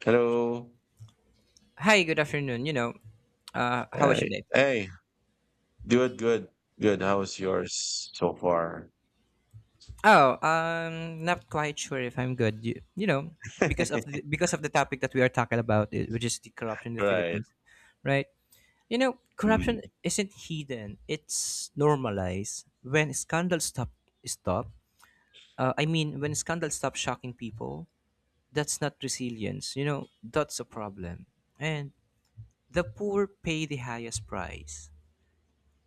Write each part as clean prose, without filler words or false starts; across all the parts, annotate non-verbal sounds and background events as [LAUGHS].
Hello. Hi, good afternoon. How was your Hey. day? Hey. Good, good, good. How is yours so far? Oh, not quite sure if I'm good. Because of [LAUGHS] the topic that we are talking about, which is the corruption in the Right. Philippines, right? You know, Mm, corruption isn't hidden; it's normalized. When scandals stop, stop. When scandals stop shocking people, that's not resilience. You know, that's a problem, and the poor pay the highest price.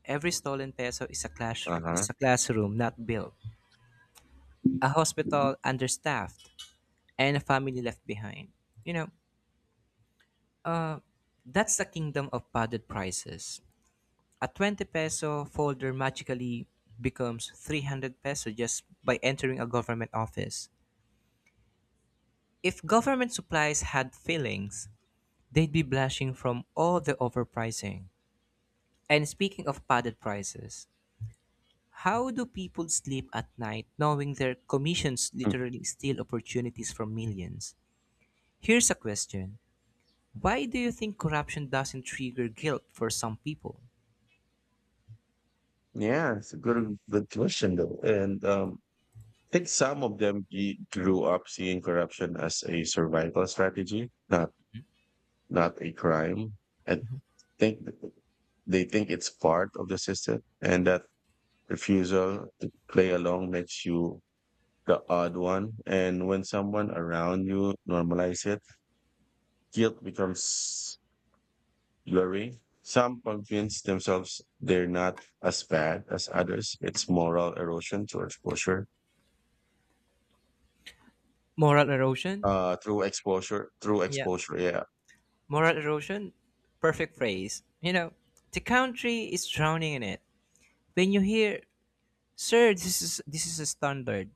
Every stolen peso is a, clash, uh-huh. is a classroom not built, a hospital understaffed, and a family left behind. You know, uh, that's the kingdom of padded prices. A 20 peso folder magically becomes 300 peso just by entering a government office. If government supplies had feelings, they'd be blushing from all the overpricing. And speaking of padded prices, how do people sleep at night knowing their commissions Hmm. literally steal opportunities from millions? Here's a question: why do you think corruption doesn't trigger guilt for some people? Yeah, it's a good question though. And I think some of them grew up seeing corruption as a survival strategy, not a crime. I think they think it's part of the system, and that refusal to play along makes you the odd one. And when someone around you normalize it, guilt becomes blurry. Some convince themselves they're not as bad as others. It's moral erosion through exposure. Moral erosion? Through exposure, through Yeah, exposure, yeah. moral erosion? Perfect phrase. You know, the country is drowning in it. When you hear, sir, this is a standard,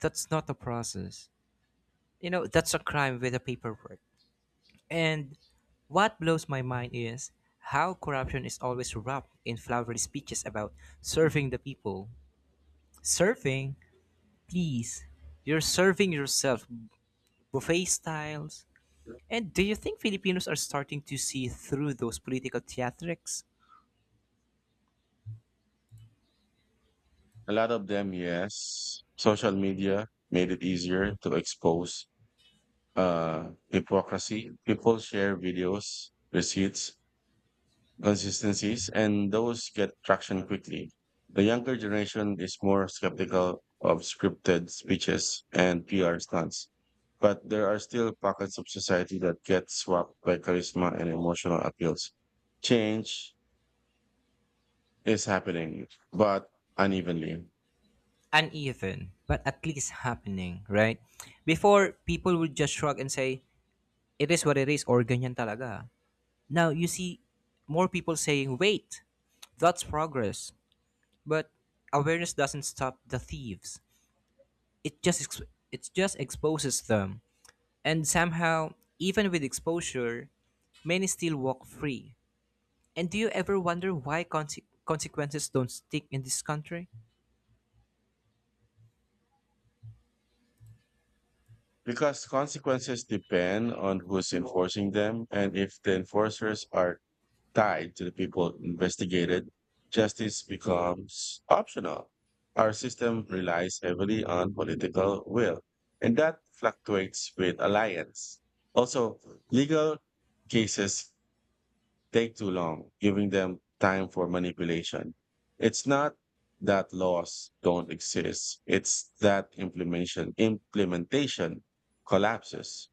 that's not a process. You know, that's a crime with a paperwork. And what blows my mind is how corruption is always wrapped in flowery speeches about serving the people. Serving? Please. You're serving yourself, buffet styles. And do you think Filipinos are starting to see through those political theatrics? A lot of them, yes. Social media made it easier to expose hypocrisy. People share videos, receipts, consistencies, and those get traction quickly. The younger generation is more skeptical of scripted speeches and PR stunts, but there are still pockets of society that get swamped by charisma and emotional appeals. Change is happening, but unevenly. Uneven, but at least happening, right? Before, people would just shrug and say, it is what it is, or ganyan talaga. Now, you see more people saying, wait, that's progress. But awareness doesn't stop the thieves. It just ex- it just exposes them. And somehow, even with exposure, many still walk free. And do you ever wonder why consequences don't stick in this country? Because consequences depend on who's enforcing them, and if the enforcers are tied to the people investigated, justice becomes optional. Our system relies heavily on political will, and that fluctuates with alliance. Also, legal cases take too long, giving them time for manipulation. It's not that laws don't exist, it's that implementation collapses.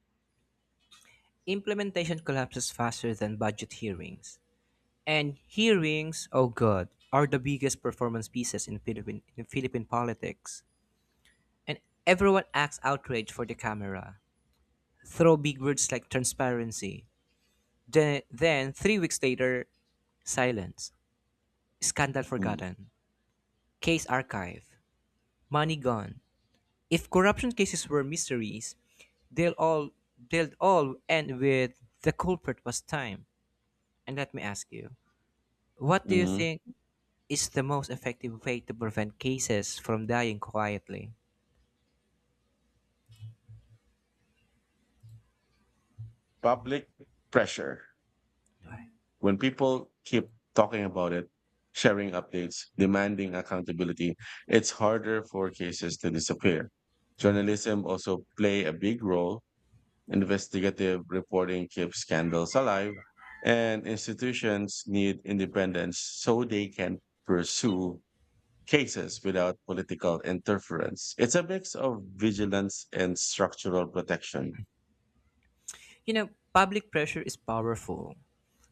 Implementation collapses faster than budget hearings. And hearings, oh god, are the biggest performance pieces in Philippine politics. And everyone acts outraged for the camera. Throw big words like transparency, then 3 weeks later, silence. Scandal Mm. forgotten. Case archive. Money gone. If corruption cases were mysteries, they'll all they'll all end with the culprit was time. And let me ask you, what do you Mhm. think is the most effective way to prevent cases from dying quietly? Public pressure. When people keep talking about it, sharing updates, demanding accountability, it's harder for cases to disappear. Journalism also play a big role. Investigative reporting keeps scandals alive, and institutions need independence so they can pursue cases without political interference. It's a mix of vigilance and structural protection. You know, public pressure is powerful,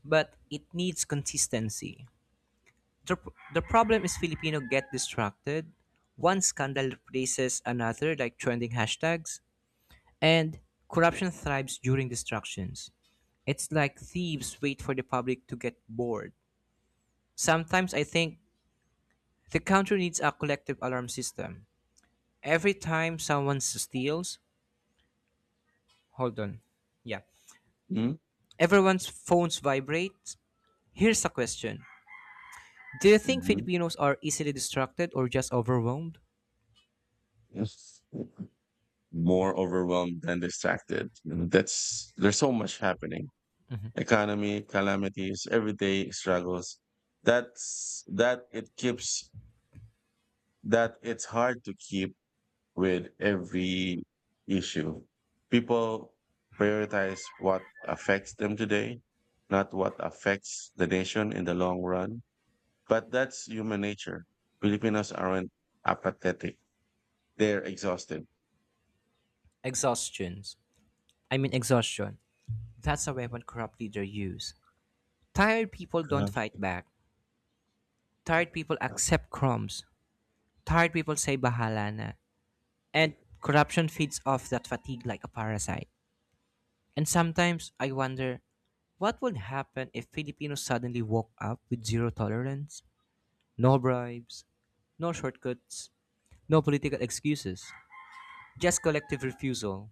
but it needs consistency. The, the problem is Filipino get distracted. One scandal replaces another like trending hashtags, and corruption thrives during distractions. It's like thieves wait for the public to get bored. Sometimes I think the country needs a collective alarm system. Every time someone steals, hold on. Yeah. Mhm. Everyone's phones vibrate. Here's a question. Do you think Mhm. Filipinos are easily distracted or just overwhelmed? Yes. More overwhelmed than distracted. And That's there's so much happening. Economy, calamities, everyday struggles. That's that it keeps that it's hard to keep with every issue. People prioritize what affects them today, not what affects the nation in the long run. But that's human nature. Filipinos aren't apathetic. They're exhausted. Exhaustions. I mean exhaustion. That's a weapon corrupt leaders use. Tired people don't Uh-huh. fight back. Tired people accept crumbs. Tired people say bahala na. And corruption feeds off that fatigue like a parasite. And sometimes I wonder what would happen if Filipinos suddenly woke up with zero tolerance, no bribes, no shortcuts, no political excuses, just collective refusal.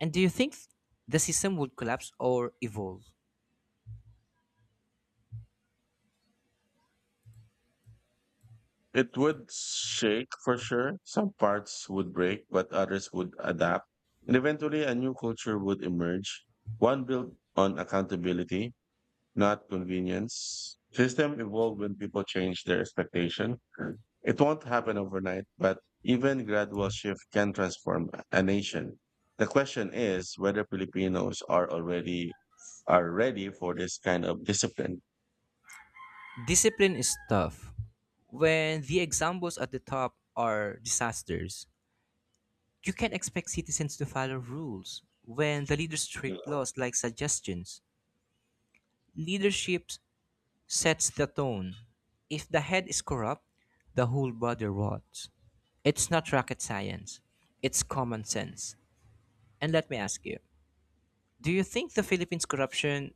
And do you think the system would collapse or evolve? It would shake for sure. Some parts would break, but others would adapt. And eventually, a new culture would emerge, one built on accountability, not convenience. System evolve when people change their expectation. It won't happen overnight, but even gradual shift can transform a nation. The question is whether Filipinos are already are ready for this kind of discipline. Discipline is tough. When the examples at the top are disasters, you can't expect citizens to follow rules. When the leaders treat laws like suggestions, leadership sets the tone. If the head is corrupt, the whole body rots. It's not rocket science, it's common sense. And let me ask you, do you think the Philippines' corruption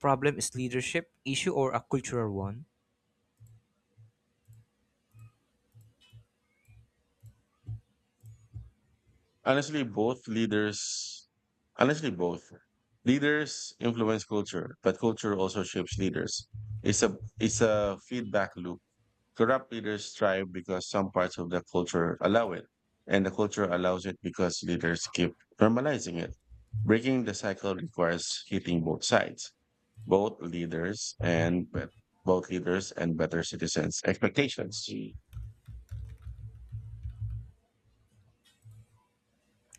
problem is leadership issue or a cultural one? Honestly, both leaders, Honestly, both leaders influence culture, but culture also shapes leaders. It's a feedback loop. Corrupt leaders thrive because some parts of the culture allow it, and the culture allows it because leaders keep normalizing it. Breaking the cycle requires hitting both sides, both leaders and bet- both leaders and better citizens' expectations.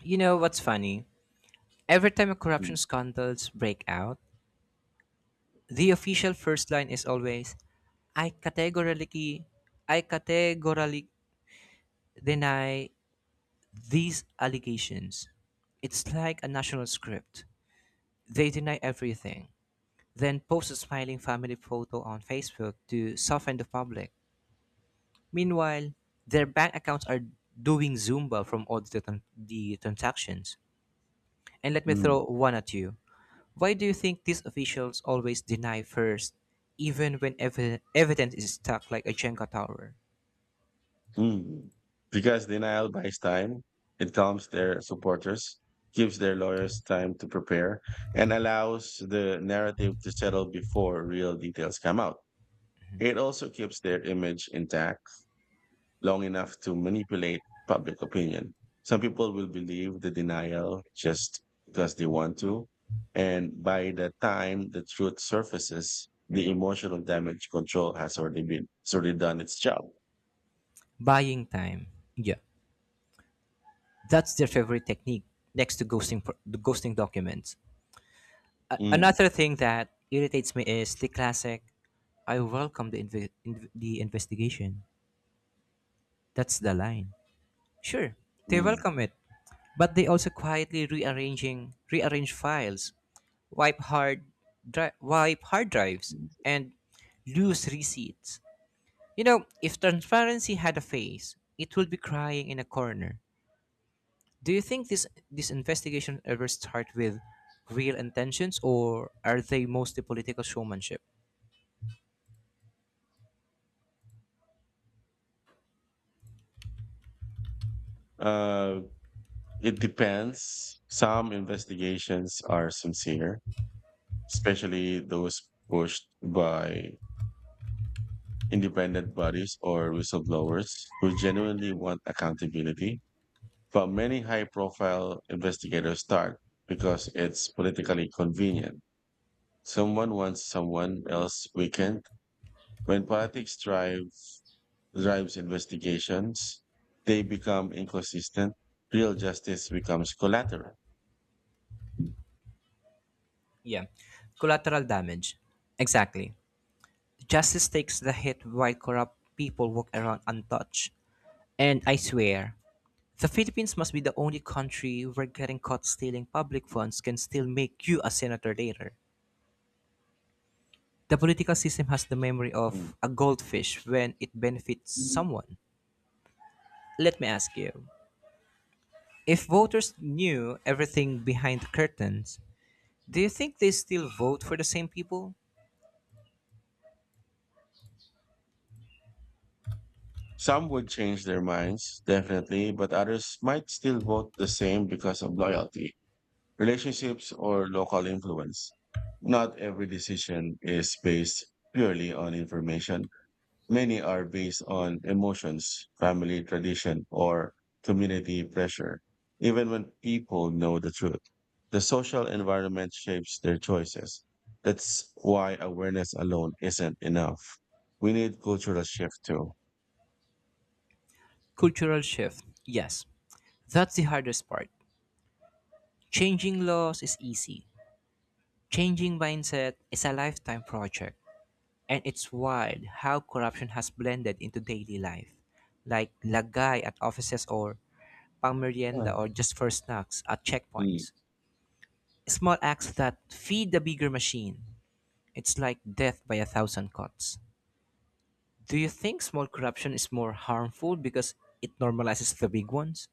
You know what's funny? Every time a corruption Mm. scandals break out, the official first line is always, I categorically, I categorically deny these allegations. It's like a national script. They deny everything, then post a smiling family photo on Facebook to soften the public. Meanwhile, their bank accounts are doing Zumba from all the transactions. And let me Mm. throw one at you. Why do you think these officials always deny first, even when evidence is stacked like a Jenga tower? Mm. Because denial buys time, it calms their supporters, gives their lawyers time to prepare, and allows the narrative to settle before real details come out. It also keeps their image intact long enough to manipulate public opinion. Some people will believe the denial just because they want to. And by the time the truth surfaces, the emotional damage control has already been, it's already done its job. Buying time. Yeah, that's their favorite technique next to ghosting the ghosting documents. A- Mm, another thing that irritates me is the classic, I welcome the investigation. That's the line. Sure, they mm. welcome it, but they also quietly rearranging rearrange files, wipe hard wipe hard drives, and lose receipts. You know, if transparency had a face, it would be crying in a corner. Do you think this investigation ever start with real intentions or are they mostly political showmanship? Uh, it depends. Some investigations are sincere, especially those pushed by independent bodies or whistleblowers who genuinely want accountability. But many high profile investigators start because it's politically convenient. Someone wants someone else weakened. When drives investigations, they become inconsistent. Real justice becomes collateral. Yeah. Collateral damage. Exactly. Justice takes the hit while corrupt people walk around untouched. And I swear, the Philippines must be the only country where getting caught stealing public funds can still make you a senator later. The political system has the memory of a goldfish when it benefits Mm. someone. Let me ask you, if voters knew everything behind the curtains, do you think they still vote for the same people? Some would change their minds, definitely, but others might still vote the same because of loyalty, relationships, or local influence. Not every decision is based purely on information. Many are based on emotions, family tradition, or community pressure. Even when people know the truth, the social environment shapes their choices. That's why awareness alone isn't enough. We need cultural shift too. Cultural shift, yes. That's the hardest part. Changing laws is easy. Changing mindset is a lifetime project. And it's wild how corruption has blended into daily life, like lagay at offices or pangmerienda Hmm. or just for snacks at Mm. checkpoints. Small acts that feed the bigger machine. It's like death by a thousand cuts. Do you think small corruption is more harmful because it normalizes the big ones?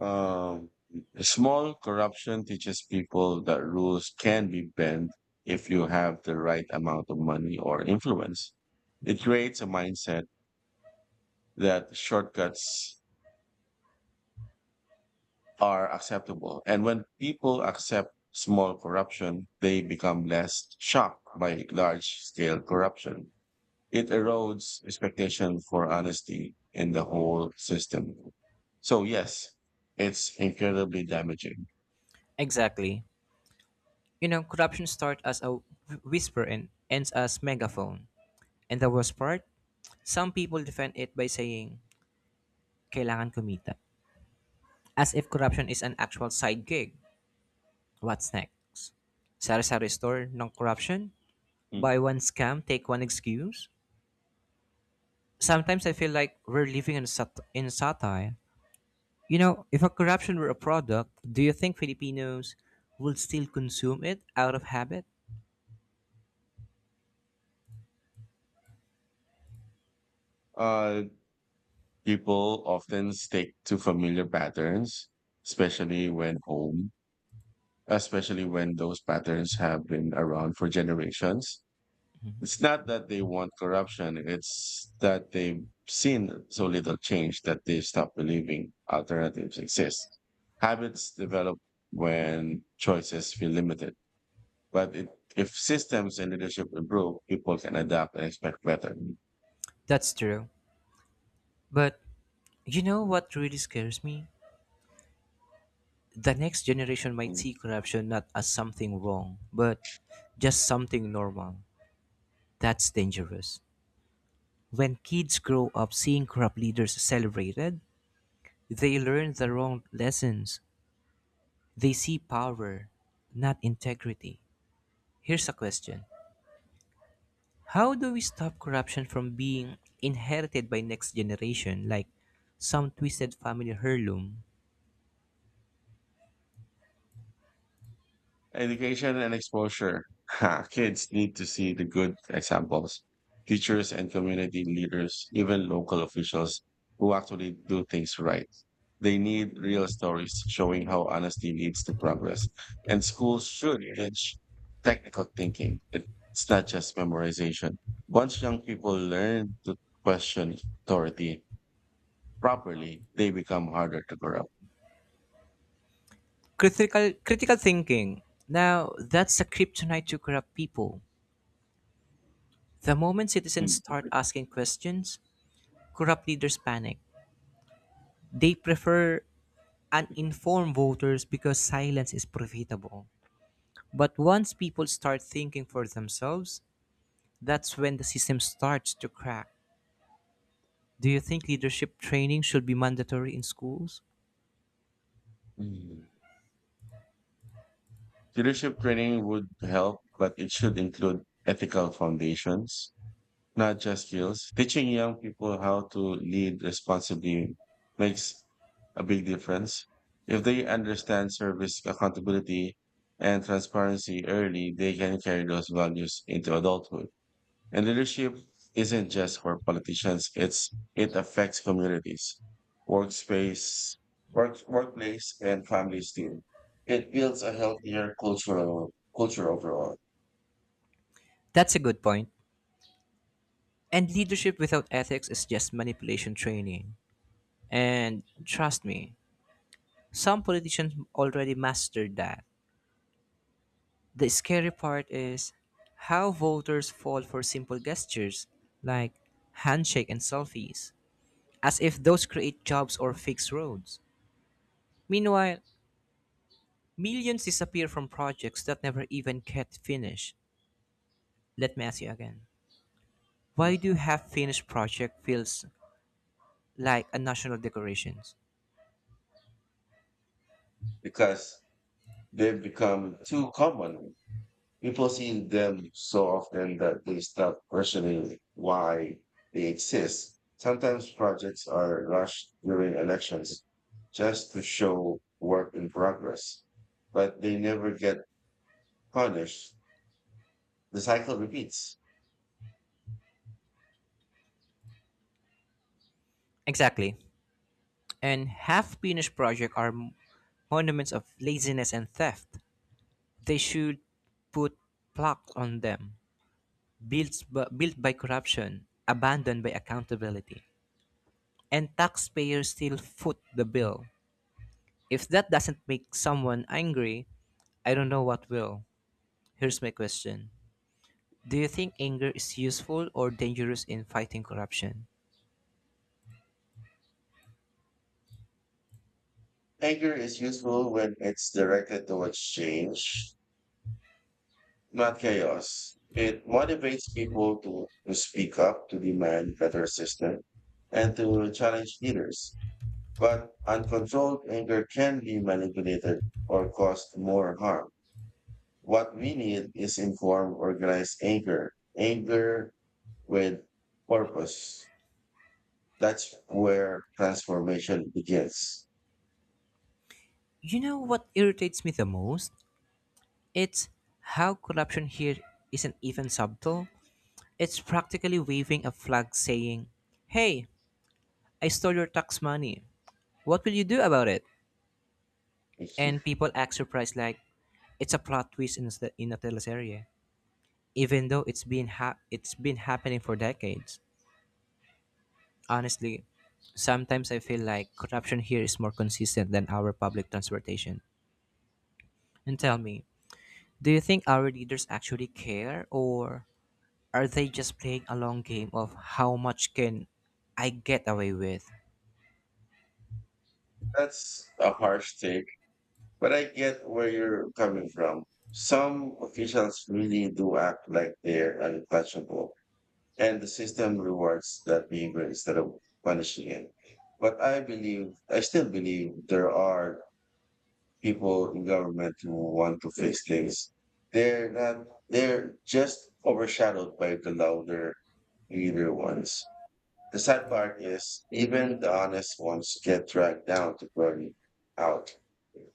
Um, Small corruption teaches people that rules can be bent if you have the right amount of money or influence. It creates a mindset that shortcuts are acceptable. And when people accept small corruption, they become less shocked by large scale corruption. It erodes expectation for honesty in the whole system. So yes, it's incredibly damaging. Exactly. You know, corruption starts as a whisper and ends as megaphone. And the worst part? Some people defend it by saying, kailangan kumita. As if corruption is an actual side gig. What's next? Sari-sari store, non-corruption? Buy Mm. one scam, take one excuse? Sometimes I feel like we're living in, in satire. You know, if a corruption were a product, do you think Filipinos would still consume it out of habit? Uh, People often stick to familiar patterns, especially when home, especially when those patterns have been around for generations. It's not that they want corruption, it's that they've seen so little change that they stop believing alternatives exist. Habits develop when choices feel limited, but if systems and leadership improve, people can adapt and expect better. That's true. But you know what really scares me? The next generation might see corruption not as something wrong, but just something normal. That's dangerous. When kids grow up seeing corrupt leaders celebrated, they learn the wrong lessons. They see power, not integrity. Here's a question: how do we stop corruption from being inherited by next generation, like some twisted family heirloom? Education and exposure. Ha, kids need to see the good examples, teachers and community leaders, even local officials who actually do things right. They need real stories showing how honesty leads to progress. And schools should teach technical thinking. It's not just memorization. Once young people learn to question authority properly, they become harder to corrupt. Critical thinking. Now, that's a kryptonite to corrupt people. The moment citizens Mm. start asking questions, corrupt leaders panic. They prefer and inform voters because silence is profitable. But once people start thinking for themselves, that's when the system starts to crack. Do you think leadership training should be mandatory in schools? Mm. Leadership training would help, but it should include ethical foundations, not just skills. Teaching young people how to lead responsibly makes a big difference. If they understand service accountability and transparency early, they can carry those values into adulthood. And leadership isn't just for politicians, it's it affects communities, workspace, workplace, and families too. It builds a healthier cultural culture overall. That's a good point. And leadership without ethics is just manipulation training. And trust me, some politicians already mastered that. The scary part is how voters fall for simple gestures like handshake and selfies, as if those create jobs or fix roads. Meanwhile, millions disappear from projects that never even get finished. Let me ask you again. Why do half finished project feels like a national decorations? Because they've become too common. People see them so often that they stop questioning why they exist. Sometimes projects are rushed during elections just to show work in progress, but they never get punished. The cycle repeats. Exactly. And half finished project are monuments of laziness and theft. They should put plaques on them, built by corruption, abandoned by accountability. And taxpayers still foot the bill. If that doesn't make someone angry, I don't know what will. Here's my question: do you think anger is useful or dangerous in fighting corruption? Anger is useful when it's directed towards change, not chaos. It motivates people to speak up, to demand better system, and to challenge leaders. But uncontrolled anger can be manipulated or cause more harm. What we need is informed, organized anger, anger with purpose. That's where transformation begins. You know what irritates me the most? It's how corruption here isn't even subtle. It's practically waving a flag saying, hey, I stole your tax money. What will you do about it? Mhm. And people act surprised like it's a plot twist in, in a teleserie, even though it's been happening for decades. Honestly, sometimes I feel like corruption here is more consistent than our public transportation. And tell me, do you think our leaders actually care or are they just playing a long game of how much can I get away with? That's a harsh take, but I get where you're coming from. Some officials really do act like they're untouchable. And the system rewards that behavior instead of punishing it. I still believe there are people in government who want to fix things. They're not, they're just overshadowed by the louder, leader ones. The sad part is even the honest ones get dragged down to burn out.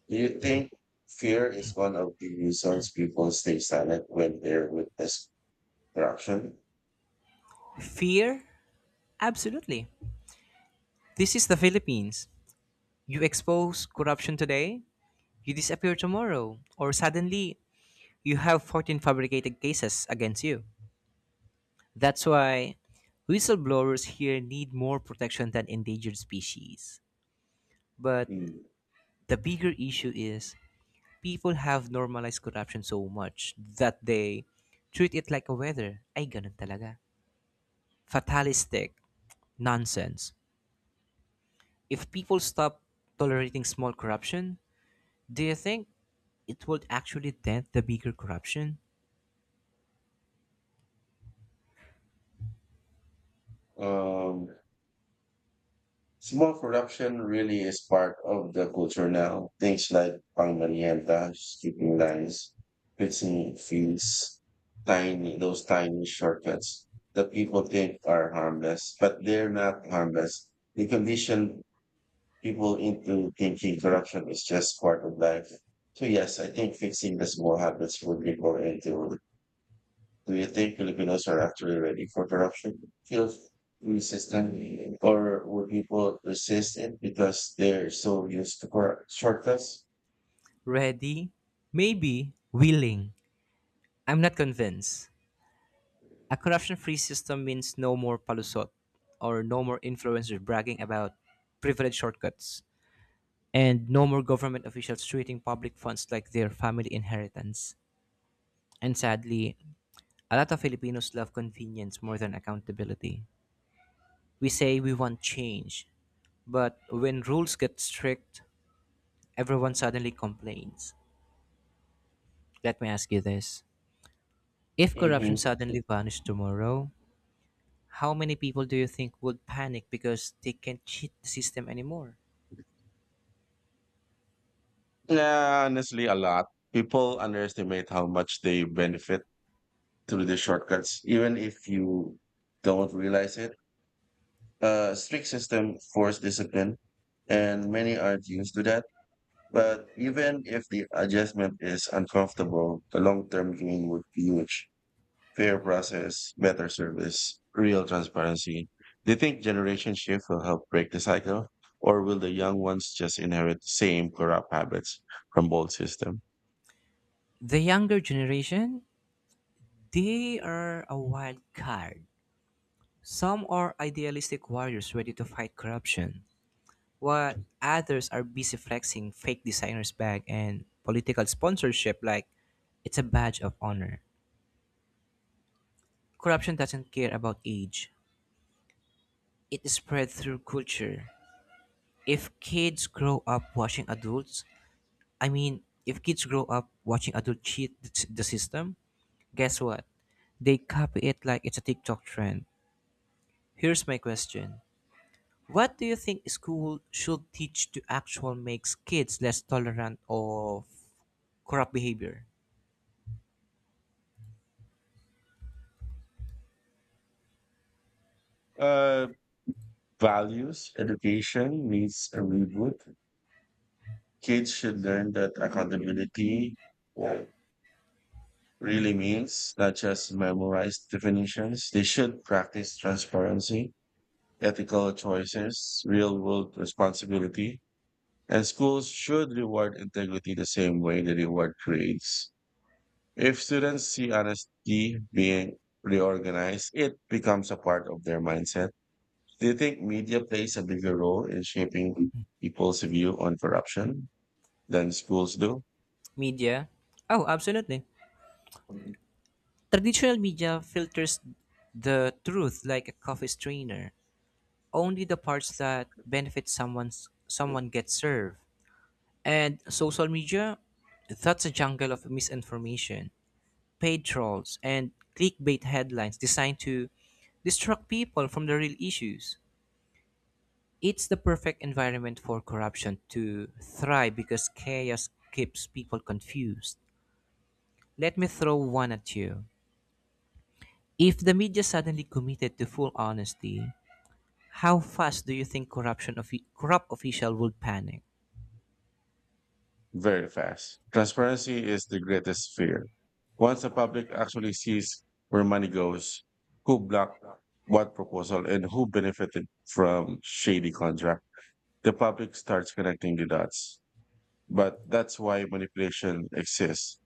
Do you think fear is one of the reasons people stay silent when they're witness corruption? Fear? Absolutely. This is the Philippines. You expose corruption today, you disappear tomorrow, or suddenly you have 14 fabricated cases against you. That's why whistleblowers here need more protection than endangered species. But Hmm. the bigger issue is people have normalized corruption so much that they treat it like a weather. Ay, ganun talaga. Fatalistic. Nonsense. If people stop tolerating small corruption, do you think it would actually dent the bigger corruption? Um, Small production really is part of the culture now. Things like Pangmerienda, skipping lines, fixing fields, those tiny shortcuts that people think are harmless, but they're not harmless. They condition people into thinking corruption is just part of life. So yes, I think fixing the small habits would people into do you think Filipinos are actually ready for corruption? Feel resistant, or would people resist it because they're so used to shortcuts? Ready? Maybe. Willing. I'm not convinced. A corruption free system means no more palusot or no more influencers bragging about privilege shortcuts and no more government officials treating public funds like their family inheritance. And sadly, a lot of Filipinos love convenience more than accountability. We say we want change, but when rules get strict, everyone suddenly complains. Let me ask you this: if corruption Hmm. suddenly vanished tomorrow, how many people do you think would panic because they can't cheat the system anymore? Yeah, honestly, a lot. People underestimate how much they benefit through the shortcuts, even if you don't realize it. A strict system force discipline, and many aren't used to that. But even if the adjustment is uncomfortable, the long term gain would be huge. Fair process, better service, real transparency. Do you think generation shift will help break the cycle? Or will the young ones just inherit the same corrupt habits from old system? The younger generation, they are a wild card. Some are idealistic warriors ready to fight corruption, while others are busy flexing fake designers' bag and political sponsorship like it's a badge of honor. Corruption doesn't care about age. It is spread through culture. If kids grow up watching adults, I mean, if kids grow up watching adults cheat the system, guess what? They copy it like it's a TikTok trend. Here's my question. What do you think school should teach to actual makes kids less tolerant of corrupt behavior? Uh, Values, education needs a reboot. Kids should learn that accountability uh, really means not just memorized definitions. They should practice transparency, ethical choices, real world responsibility, and schools should reward integrity the same way they reward grades. If students see honesty being reorganized, it becomes a part of their mindset. Do you think media plays a bigger role in shaping people's view on corruption than schools do? Media? Oh, absolutely. Traditional media filters the truth like a coffee strainer. Only the parts that benefit someone gets served. And social media, that's a jungle of misinformation, paid trolls, and clickbait headlines designed to distract people from the real issues. It's the perfect environment for corruption to thrive because chaos keeps people confused. Let me throw one at you. If the media suddenly committed to full honesty, how fast do you think corruption of corrupt official would panic? Very fast. Transparency is the greatest fear. Once the public actually sees where money goes, who blocked what proposal, and who benefited from shady contract, the public starts connecting the dots. But that's why manipulation exists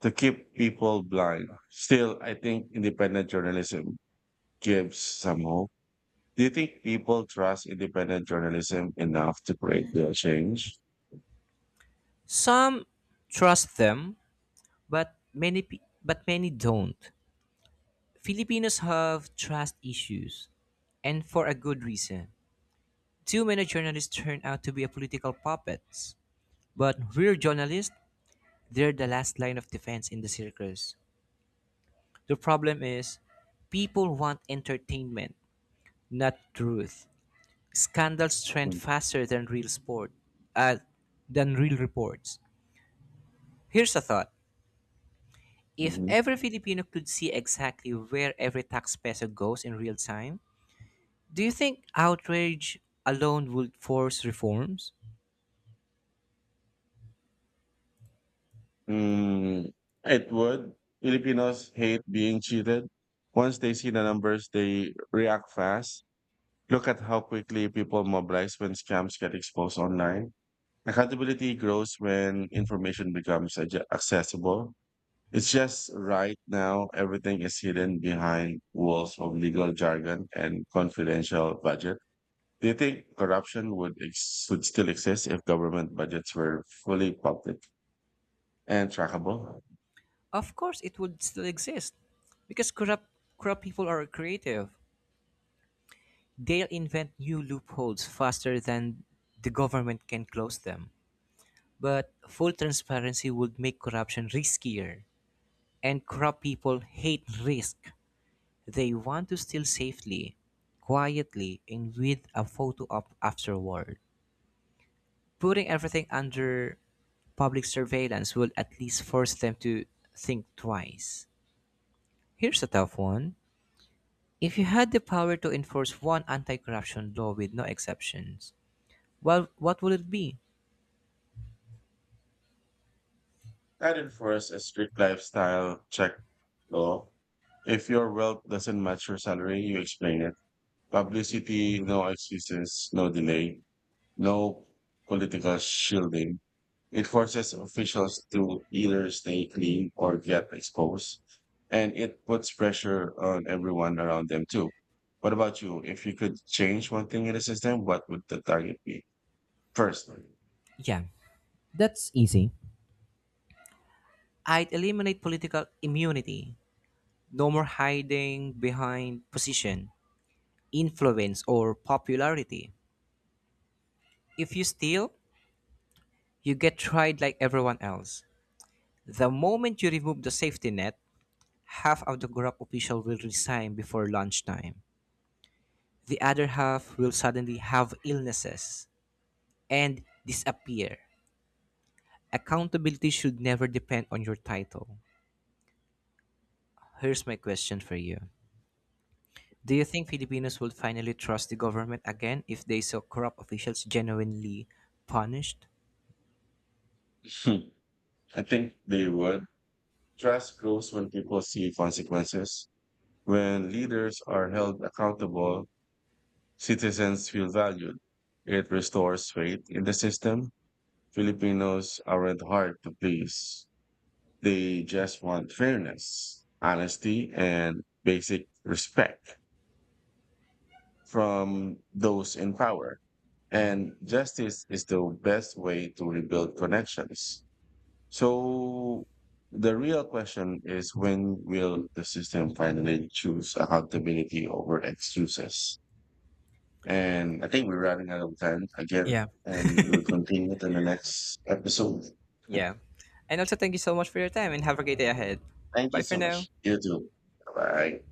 to keep people blind. Still, I think independent journalism gives some hope. Do you think people trust independent journalism enough to create the change? Some trust them, but but many don't. Filipinos have trust issues, and for a good reason. Too many journalists turn out to be a political puppets. But real journalists, they're the last line of defense in the circus. The problem is, people want entertainment, not truth. Scandals trend faster than uh, than real reports. Here's a thought: if Mhm. every Filipino could see exactly where every tax peso goes in real time, do you think outrage alone would force reforms? Mm, it would. Filipinos hate being cheated. Once they see the numbers, they react fast. Look at how quickly people mobilize when scams get exposed online. Accountability grows when information becomes accessible. It's just right now, everything is hidden behind walls of legal jargon and confidential budget. Do you think corruption would, would still exist if government budgets were fully public and trackable? Of course, it would still exist, because corrupt people are creative. They'll invent new loopholes faster than the government can close them. But full transparency would make corruption riskier. And corrupt people hate risk. They want to steal safely, quietly, and with a photo op afterward. Putting everything under public surveillance will at least force them to think twice. Here's a tough one. If you had the power to enforce one anti corruption law with no exceptions, well, what would it be? I'd enforce a strict lifestyle check law. If your wealth doesn't match your salary, you explain it. Publicity, no excuses, no delay, no political shielding. It forces officials to either stay clean or get exposed. And it puts pressure on everyone around them too. What about you? If you could change one thing in the system, what would the target be? First, Yeah, that's easy. I'd eliminate political immunity. No more hiding behind position, influence, or popularity. If you steal, you get tried like everyone else. The moment you remove the safety net, half of the corrupt official will resign before lunchtime. The other half will suddenly have illnesses and disappear. Accountability should never depend on your title. Here's my question for you. Do you think Filipinos would finally trust the government again if they saw corrupt officials genuinely punished? [LAUGHS] I think they would. Trust grows when people see consequences. When leaders are held accountable, citizens feel valued. It restores faith in the system. Filipinos aren't hard to please. They just want fairness, honesty, and basic respect from those in power. And justice is the best way to rebuild connections. So the real question is when will the system finally choose accountability over excuses? And I think we're running out of time again. Yeah. And we'll continue in the next episode. Yeah. And also, thank you so much for your time and have a great day ahead. Thank Bye you for so now. much. You too. Bye.